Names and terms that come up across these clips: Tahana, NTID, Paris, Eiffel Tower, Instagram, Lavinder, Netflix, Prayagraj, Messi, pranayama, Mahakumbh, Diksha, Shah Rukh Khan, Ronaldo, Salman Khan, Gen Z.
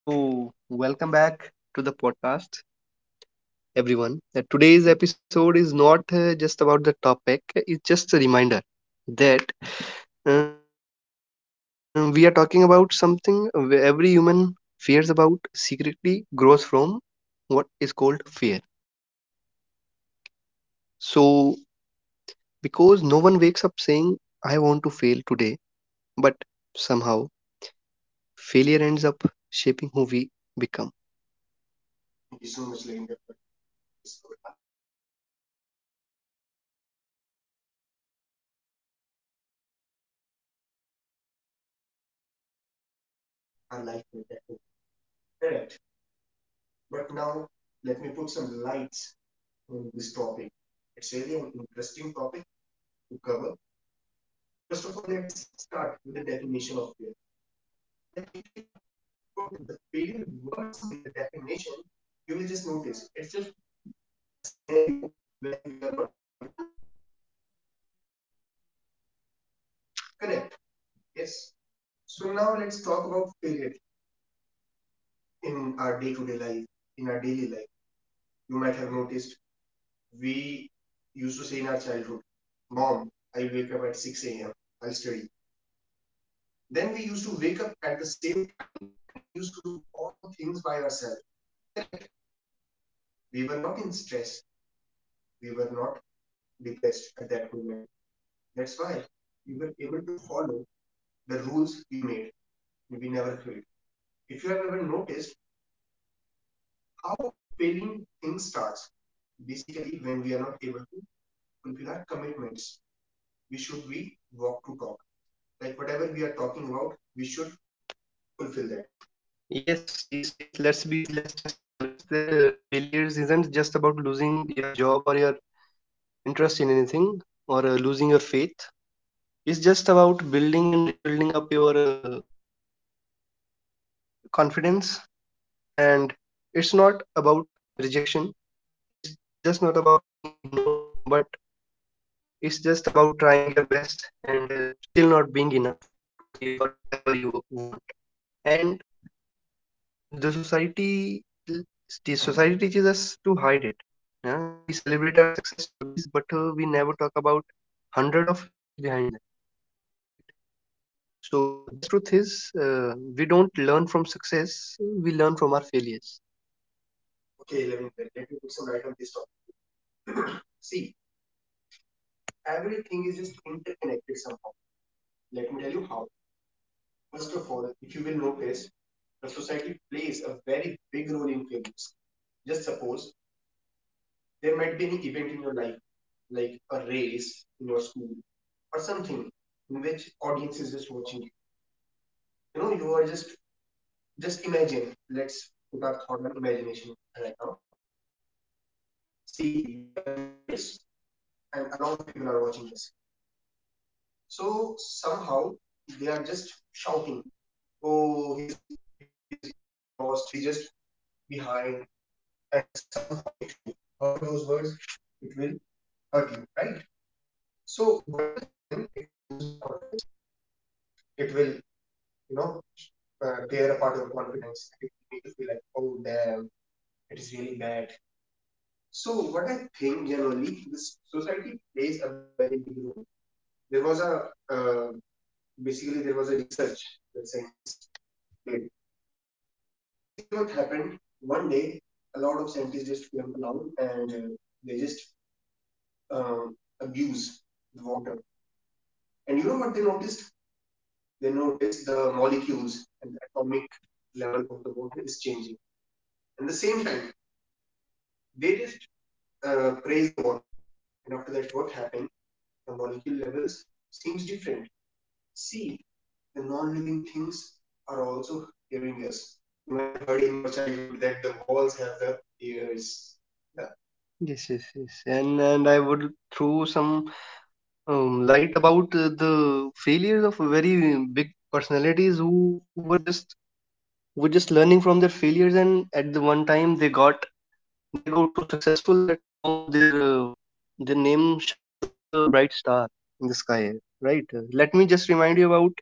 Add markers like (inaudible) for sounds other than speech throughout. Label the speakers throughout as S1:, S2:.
S1: So, welcome back to the podcast, everyone. Today's episode is not just about the topic, it's just a reminder that we are talking about something where every human fears about, secretly grows from what is called fear. So, because no one wakes up saying, I want to fail today, but somehow failure ends up shaping who we become. Yes, yes, yes. Let's just be honest that failures isn't just about losing your job or your interest in anything or losing your faith. It's just about building and rebuilding up your confidence and it's not about rejection. It's just not about being ignored, but it's just about trying your best and still not being enough to achieve whatever you want. And the society teaches us to hide it, yeah? We celebrate our success stories, but we never talk about hundred of failures behind them, right? So the best truth is we don't learn from success, we learn from our failures. Yes, yes, yes, and I would throw some light about the failures of very big personalities who were just learning from their failures, and at the one time they got. They got so successful that now their name shines like a bright star in the sky, right? Let me just remind you about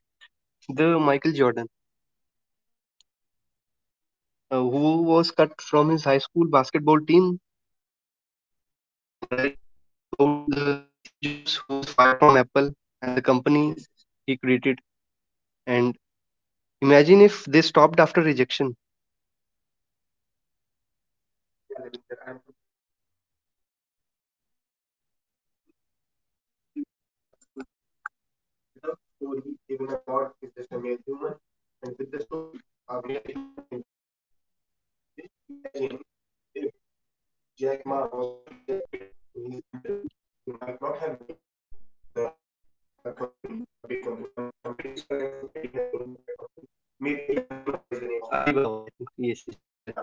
S1: the Michael Jordan, who was cut from his high school basketball team. Yes, and right about the Steve Jobs, who was fired from Apple and the company, yes, he created. And imagine if they stopped after rejection. Alibaba, I think. Yes, yes, you are right.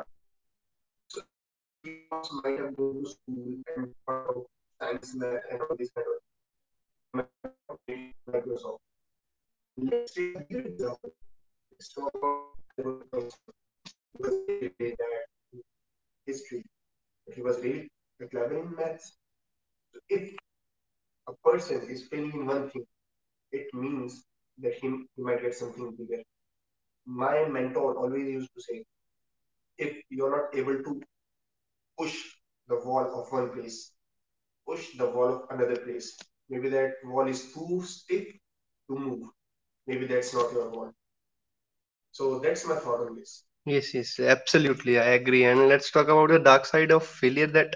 S1: Yes, yes, absolutely. I agree. And let's talk about the dark side of failure, that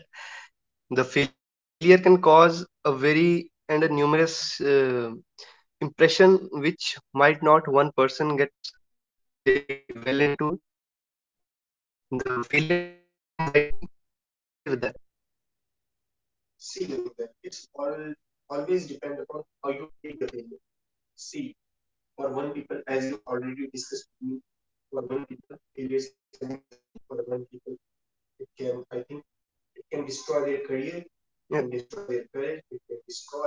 S1: the failure can cause a very and a numerous impression which might not one person gets very well into, like the failures can cause anxiety. Do you agree with that? Yeah. And destroy their courage, it can destroy.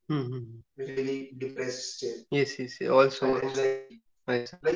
S1: Mhm. Yes, yes, yeah, also anxiety. Yes, said.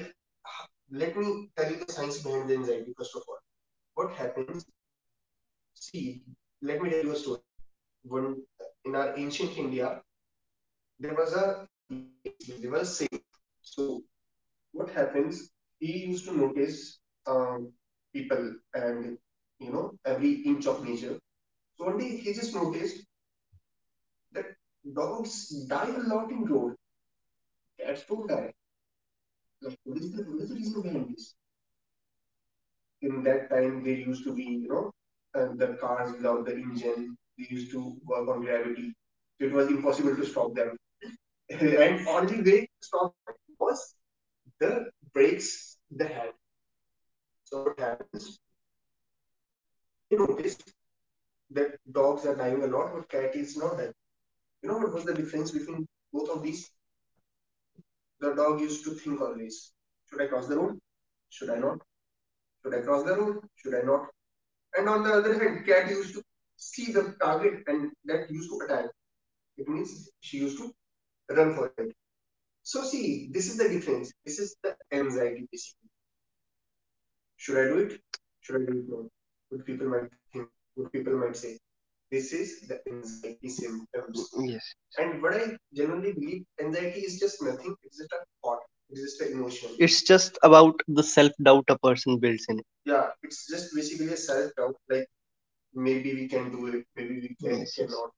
S1: This is the anxiety symptoms, yes. It's just the emotion, it's just about the self-doubt a person builds in it. Maybe we can do it, maybe we can, yes, yes, cannot.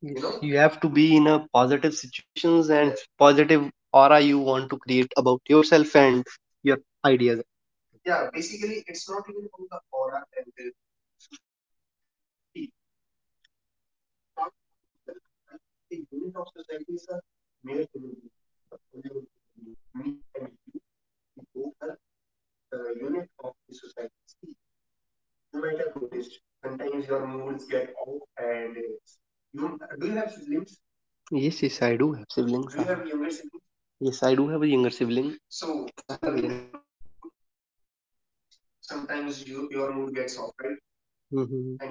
S1: Yes, you know you have to be in a positive situations and positive aura you want to create about yourself and your ideas. Yes, yes, I do have siblings. Do you? I have younger siblings? Yes, I do have a younger sibling. So, I so have that a younger-. Mm-hmm.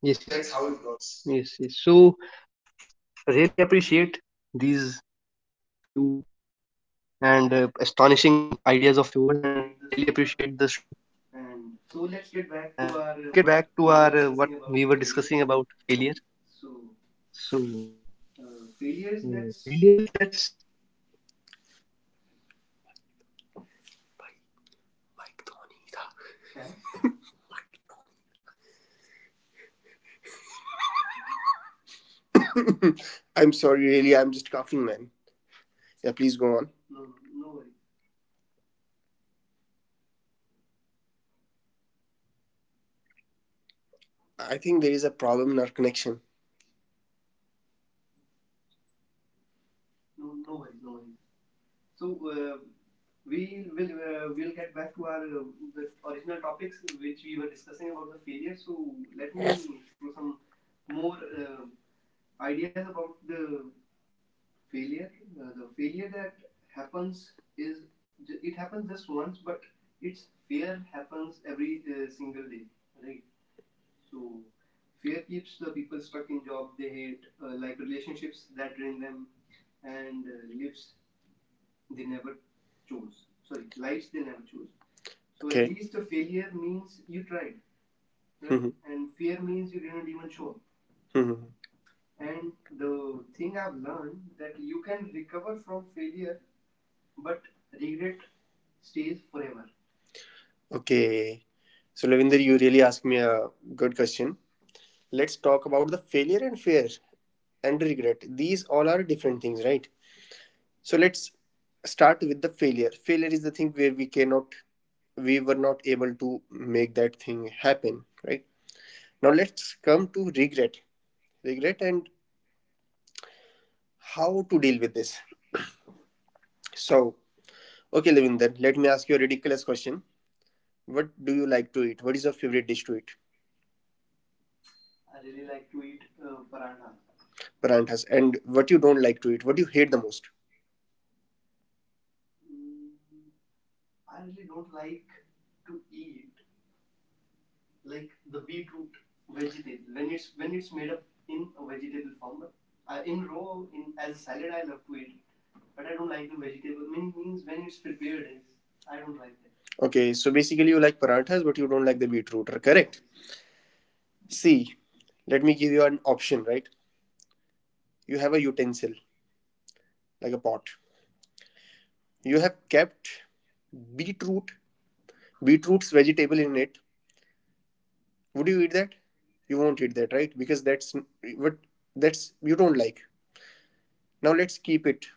S1: Yes, yes. That's how it works. Yes, yes. So, really appreciate these few and ideas of yours, and really appreciate the shloka. And so, let's get back to our what we were discussing about failure. So, failures. Let's.
S2: Mike Dhoni tha. (laughs) Mike Dhoni. I'm sorry, really, I'm just coughing, man. Yeah, please go on. I think there
S1: There
S2: is
S1: is
S2: a
S1: a
S2: problem in
S1: problem
S2: our
S1: with connection.
S2: connection.
S1: No, no worries, no worries. So we'll get back to our the original topics which we were discussing about the failure. So let me throw some more ideas about the failure. The failure that happens is it happens just once, but its fear happens every single day, right? So fear keeps the people stuck in job they hate, like relationships that drain them, and lives they never chose. Sorry, lives they never chose. So at
S2: Okay.
S1: least a failure means you tried, right? And fear means you didn't even show up.
S2: Mhm.
S1: And the thing I've learned that you can recover from failure, but regret stays forever.
S2: Okay. So, Lavinder, you really asked me a good question. Let's talk about the failure and fear
S1: Yeah.
S2: and regret. These all are different things, right? So, let's start with the failure. Failure is the thing where we cannot, we were not able to make that thing happen, right? Now let's come to regret, regret and how to deal with this. So, okay, Levin, then let me ask you a ridiculous question. What do you like to eat? What is your favorite dish to eat?
S1: I really like to eat paranthas. Right.
S2: Paranthas.
S1: Paranthas. Yes. And
S2: And
S1: what
S2: what you
S1: you
S2: don't
S1: don't
S2: like
S1: like
S2: to
S1: to
S2: eat?
S1: eat?
S2: What
S1: What
S2: do you
S1: do you
S2: hate
S1: hate
S2: the
S1: the
S2: most?
S1: most? Mm, I really don't like to eat, like the beetroot vegetable when it's made up in a vegetable form. But, in raw in as a salad I love to eat, but I don't like the vegetable mean, means when it's prepared is, I don't like that.
S2: Okay, so basically you like paranthas, but you don't like the beetroot,
S1: Yes,
S2: correct?
S1: yes, yes.
S2: See, let me give you an option, right? You have a utensil like a pot. You have kept beetroot, beetroot's vegetable in it. Would you eat that? You won't eat that, right? Because that's what, that's you don't like. Now let's keep it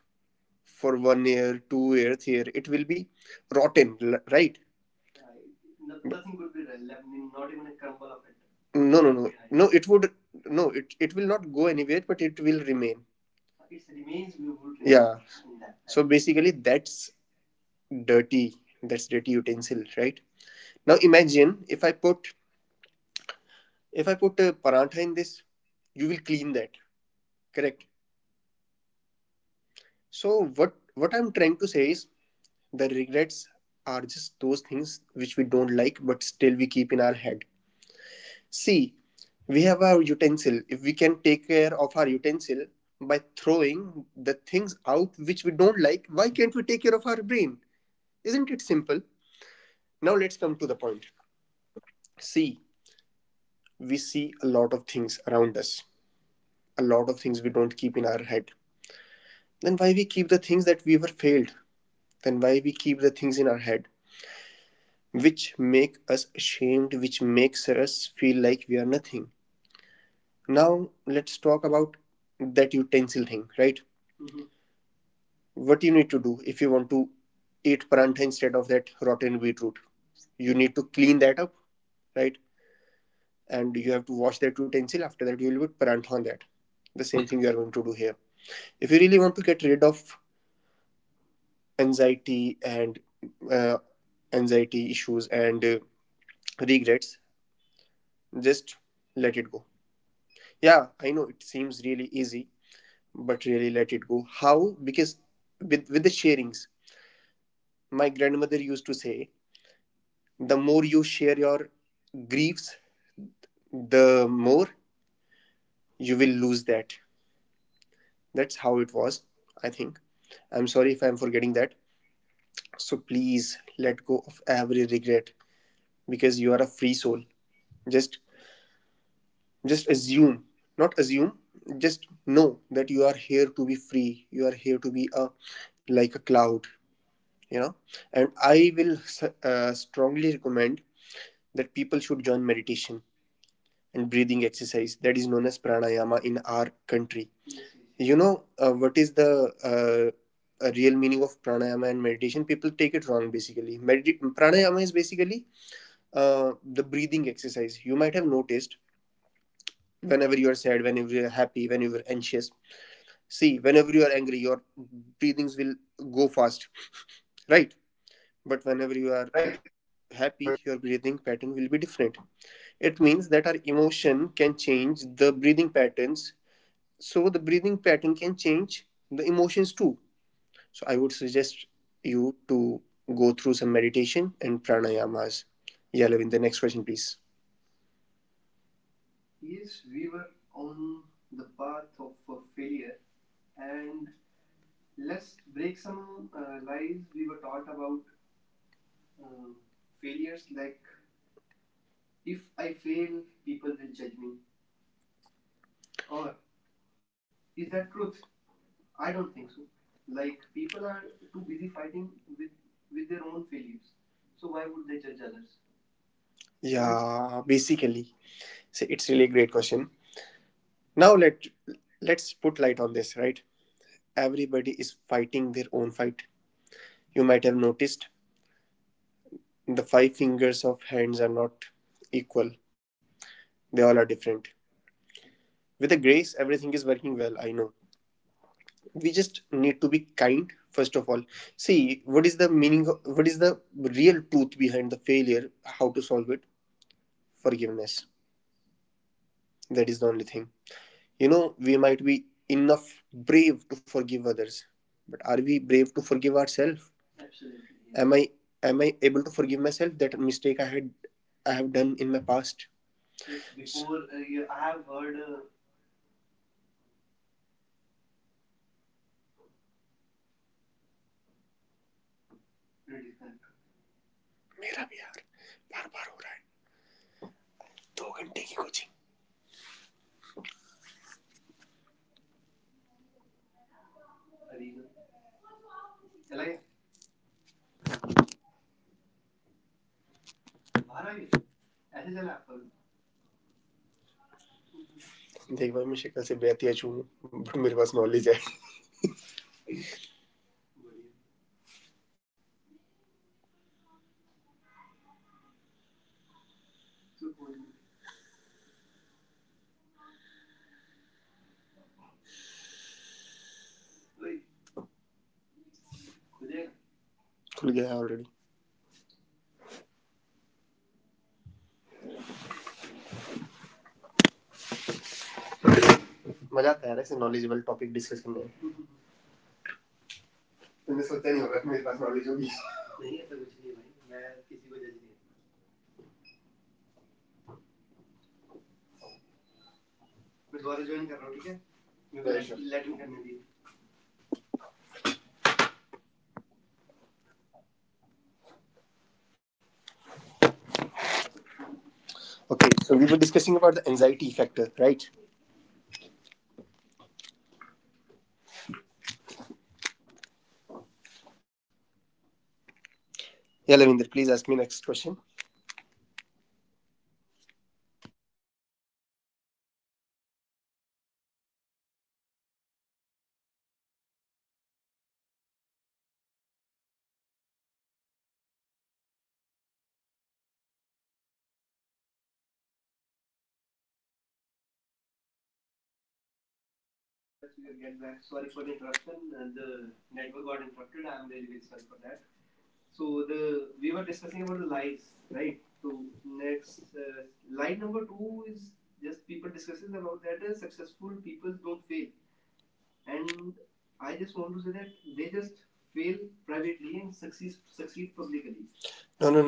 S2: for 1 year, 2 year, 3 year, it will be rotten, right?
S1: Nothing could be left in-, not even a crumble of it would
S2: No,
S1: be
S2: no,
S1: left
S2: no, no,
S1: behind.
S2: it would. No, it, it will not go anywhere, but it will remain.
S1: It remains, we will
S2: Yeah.
S1: remain in that
S2: So
S1: aspect.
S2: basically that's dirty, that's dirty utensil, right? Now imagine if I put if I put a parantha in this, you will clean that, correct? So what what I'm trying to say is, the regrets are just those things which we don't like, but still we keep in our head. See, we have our utensil. If we can take care of our utensil by throwing the things out which we don't like, why can't we take care of our brain? Isn't it simple? Now let's come to the point. See, we see a lot of things around us, a lot of things we don't keep in our head. Then why we keep the things that we were failed? Then why we keep the things in our head? Which make us ashamed, which makes us feel like we are nothing. Now let's talk about that utensil thing, right?
S1: Mhm.
S2: What you need to do if you want to eat parantha instead of that rotten beetroot, you need to clean that up, right? And you have to wash that utensil. After that you will put parantha on that. The same thing you are going to do here. If you really want to get rid of anxiety and uh, anxiety issues and regrets, just let it go. Yeah, I know it seems really easy, but really let it go. How? Because with the sharings, my grandmother used to say, the more you share your griefs, the more you will lose that. That's how it was, I think. I'm sorry if I'm forgetting that. So please let go of every regret because you are a free soul. Just just assume, not assume, just know that you are here to be free. You are here to be a like a cloud, you know. And I will strongly recommend that people should join meditation and breathing exercise that is known as pranayama in our country.
S1: Yes, yes, yes,
S2: You know, what is the uh, real meaning of pranayama and meditation, people take it wrong. Basically, pranayama is basically the breathing exercise. You might have noticed, whenever you are sad, whenever you are happy, whenever you are anxious, see, whenever you are angry, your breathings will go fast, right? But whenever you are happy, your breathing pattern will be different. It means that our emotion can change the breathing patterns. So the breathing pattern can change the emotions too. So I would suggest you to go through some meditation and pranayamas. Yeah, Levin, the next question, please.
S1: yes, we were on the path of failure. And let's break some lies we were taught about um, failures, like if I fail, people will judge me. Or is that truth? I don't think so. Like people are too busy fighting with their own failures, so why would they judge others? And
S2: Yeah, basically. So it's really a great question. Now let's put light on this, right? Everybody is fighting their own fight. You might have noticed, the five fingers of hands are not equal, they all are different. With the grace, everything is working well, I know. We just need to be kind, first of all. See, what is the meaning, of, what is the real truth behind the failure, how to solve it? Forgiveness. That is the only thing. You know, we might be enough brave to forgive others, but are we brave to forgive ourselves? Absolutely.
S1: absolutely, yes,
S2: Am I am I able to forgive myself that mistake I have done in my past?
S1: yes. Before
S2: मेरा भी यार बार-बार हो रहा है. दो घंटे की कोचिंग. देख भाई मैं शिक्षक से बेहतरीन चूं, बट मेरे पास नॉलेज है. खुल गया है ऑलरेडी. मजा तैयार है सिर्फ नॉलेजेबल टॉपिक डिस्कस करने में. तुमने सोचते नहीं होगा कि मेरे पास नॉलेज होगी लेटिंग करने के लिए. Okay so we were discussing about the.
S1: they just fail privately and succeed publicly.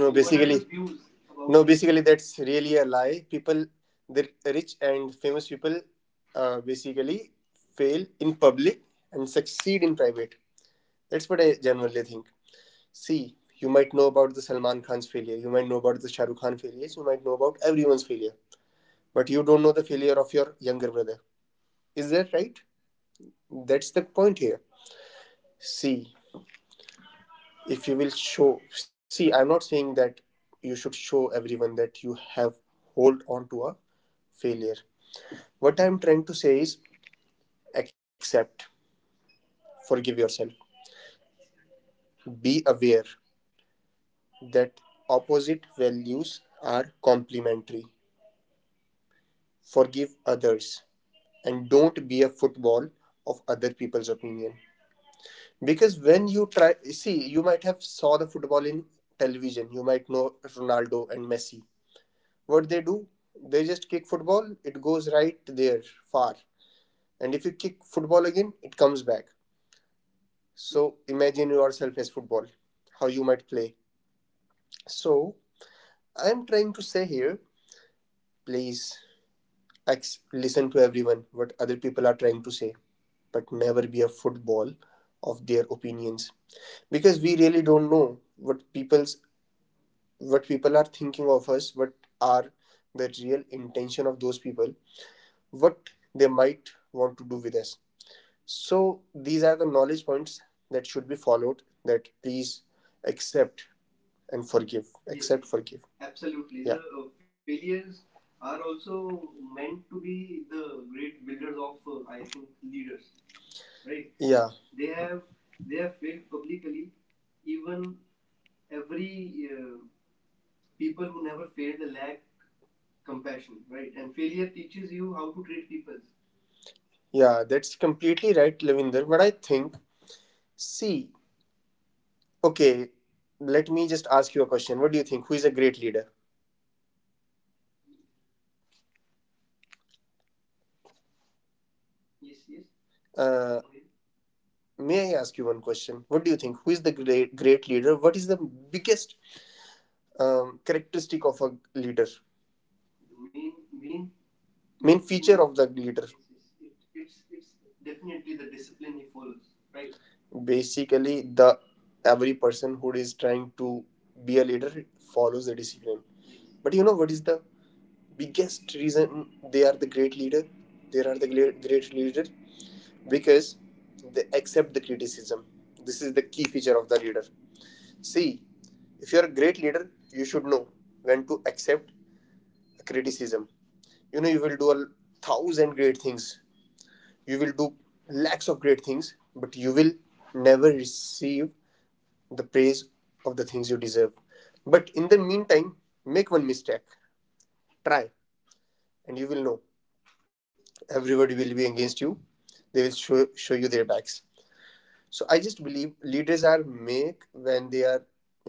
S1: So what are your views about this?
S2: � That's what I generally think. See, you might know about the Salman Khan's failure, you might know about the Shah Rukh Khan failures, you might know about everyone's failure, but you don't know the failure of your younger brother. Is that right? That's the point here. See, if you will show, see, I'm not saying that you should show everyone that you have hold on to a failure. What I'm trying to say is accept, forgive yourself, be aware that opposite values are complementary, forgive others, and don't be a football of other people's opinion. Because when you try, see, you might have saw the football in television, you might know Ronaldo and Messi, what they do, they just kick football, it goes right there, far. And if you kick football again, it comes back. So imagine yourself as football, how you might play. So I'm trying to say here, please X, listen to everyone, what other people are trying to say, but never be a football of their opinions. Because we really don't know what people's what people are thinking of us, what are the real intention of those people, what they might want to do with us. So these are the knowledge points that should be followed, that please accept and forgive.
S1: Yes,
S2: Accept, yes,
S1: yes,
S2: forgive. Yeah. Yeah. Yeah, that's completely right, Lavinder. But I think, see, okay, let me just ask you a question. What do you think? Who is a great leader?
S1: yes, yes.
S2: Uh,
S1: Come again.
S2: may I ask you one question? What do you think? Who is the great leader? What is the biggest characteristic of a leader?
S1: The main main
S2: Main
S1: main thing.
S2: feature of the leader?
S1: Yes, yes. It's definitely the discipline he follows. Right.
S2: Basically, the every person who is trying to be a leader follows the discipline.
S1: Yes.
S2: But you know what is the biggest reason they are the great leader? They are the great leader because they accept the criticism. This is the key feature of the leader. See, if you're a great leader, you should know when to accept a criticism. You know, you will do a thousand great things, you will do lakhs of great things, but you will never receive the praise of the things you deserve. But in the meantime, make one mistake, try, and you will know everybody will be against you. They will show you their backs. So I just believe leaders are make when they are,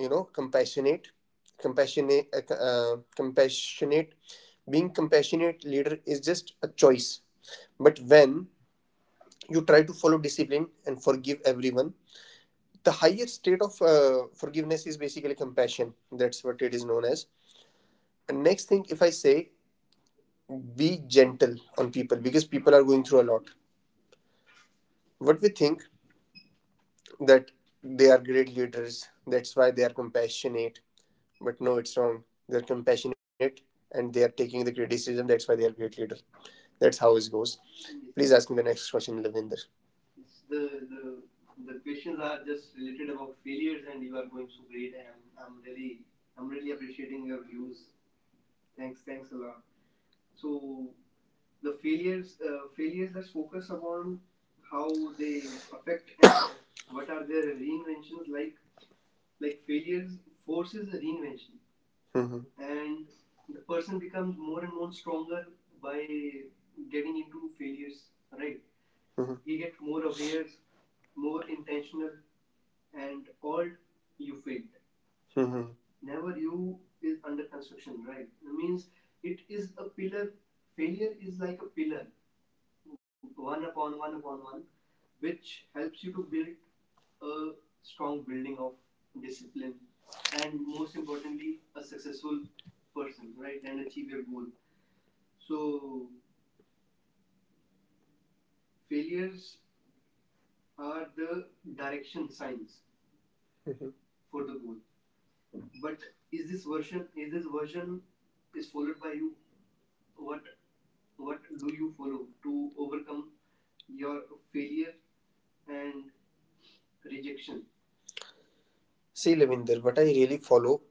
S2: you know, compassionate, compassionate, compassionate. Being compassionate leader is just a choice, but when you try to follow discipline and forgive everyone, the higher state of forgiveness is basically compassion. That's what it is known as. And next thing if I say, be gentle on people because people are going through a lot. What we think, that they are great leaders, that's why they are compassionate. But no, it's wrong. They're compassionate and they are taking the criticism. That's why they are great leader. That's how it goes.
S1: Yes.
S2: Please
S1: Please
S2: ask me
S1: ask me
S2: the
S1: the
S2: next
S1: next question.
S2: question, Lavinder.
S1: Yes, the the questions are just related about failures and you are going so great, I'm really appreciating your views. Thanks a lot. So the failures, failures, let's focus upon how they affect and what are their reinventions, like failures forces a reinvention,
S2: Mhm,
S1: and the person becomes more and more stronger by getting into failures, right?
S2: mhm,
S1: He get more aware, more intentional, and all. You failed,
S2: mhm.
S1: never, you is under construction, right? That means it is a pillar. Failure is like a pillar, one upon one upon one which helps you to your failure and rejection.
S2: See, Lavinder, what I really follow,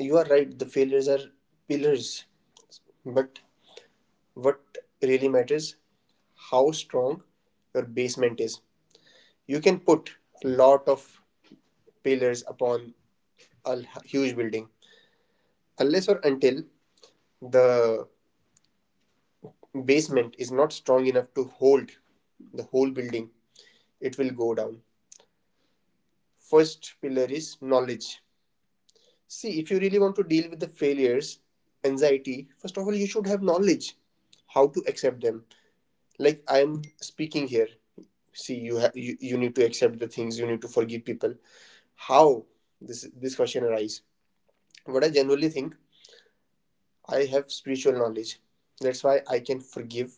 S2: you are right. The failures are pillars, but what really matters how strong your basement is. You can put a lot of pillars upon a huge building, unless or until the basement is not strong enough to hold the whole building, it will go down. First pillar is knowledge. See, if you really want to deal with the failures, anxiety, first of all, you should have knowledge how to accept them. Like I am speaking here. See, you, you need to accept the things, you need to forgive people. How this question arise? What I generally think, I have spiritual knowledge. That's why I can forgive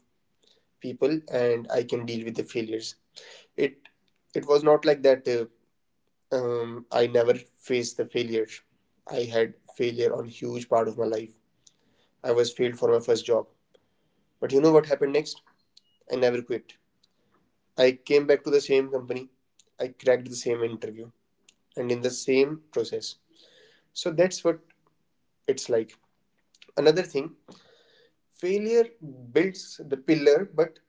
S2: people and I can deal with the failures. It it was not like that. I never faced the failures. I had failure on huge part of my life. I was failed for my first job, but you know what happened next? I never quit. I came back to the same company. I cracked the same interview and in the same process. So that's what it's like. Another thing, failure builds the pillar, but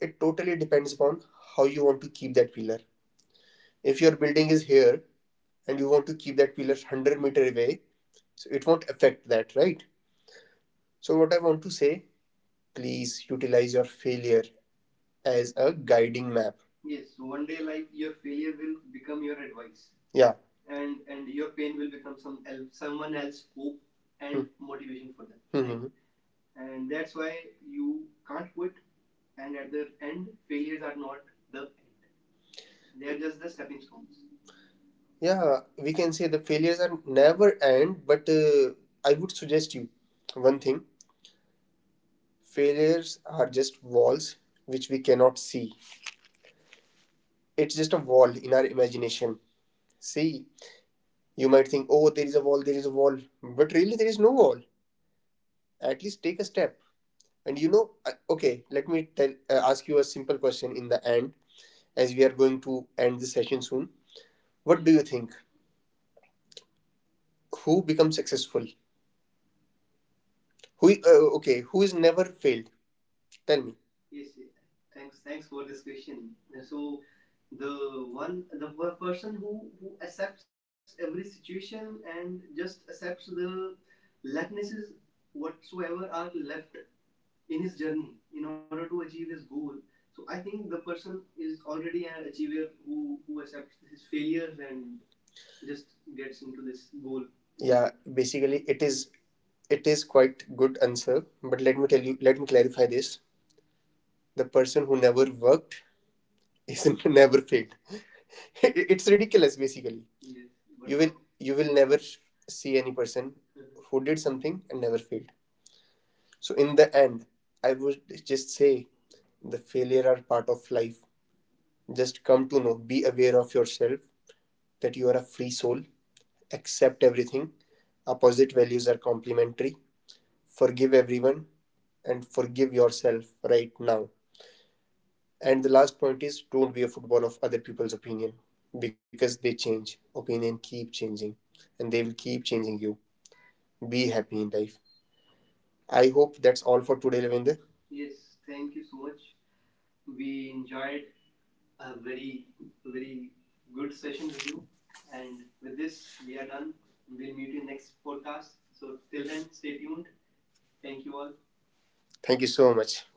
S2: it totally depends upon how you want to keep that pillar. If your building is here and you want to keep that pillar 100 meter away, so it won't affect that, right? So what I want to say, please utilize your failure as a guiding map.
S1: Yes, so one day like your failure will become your advice,
S2: Yeah.
S1: and your pain will become some someone else hope and motivation for them, right?
S2: Hmm.
S1: Mhm. And that's why you can't quit, and at the end failures are not the end, they are just the stepping stones.
S2: Yeah, we can say the failures are never end, but I would suggest you one thing. Failures are just walls which we cannot see. It's just a wall in our imagination. See, you might think, oh, there is a wall, there is a wall, but really there is no wall. At least take a step. And you know, okay, let me tell, ask you a simple question in the end, as we are going to end the session soon.
S1: What do
S2: What do
S1: yes
S2: you
S1: you think?
S2: think? Who becomes successful? Who, okay, who is never failed?
S1: Tell
S2: Tell
S1: So, me.
S2: me.
S1: Yes, yeah, I-, thanks for this question. So the one the person who accepts every situation and just accepts the likenesses whatsoever are left in his journey in order to achieve his goal. So I think the person is already an achiever who accepts his failures and just gets into this goal. Yeah,
S2: Yeah,
S1: achievement.
S2: basically, it is quite good answer. But let me tell you, let me clarify this. The person who never worked is (laughs) never failed. (laughs) It's ridiculous, basically.
S1: Yes, but
S2: You will you will never see any person
S1: how (laughs)
S2: who did something and never failed. So, in the end, I would just say the failure are part of life. Just come to know, be aware of yourself that you are a free soul, accept everything. Opposite values are complementary. Forgive everyone and forgive yourself right now. And the last point is don't be a football of other people's opinion because they change. Opinion keep changing and they will keep changing you. Be happy in life. I hope that's all for today, Lavender. Thank you so much.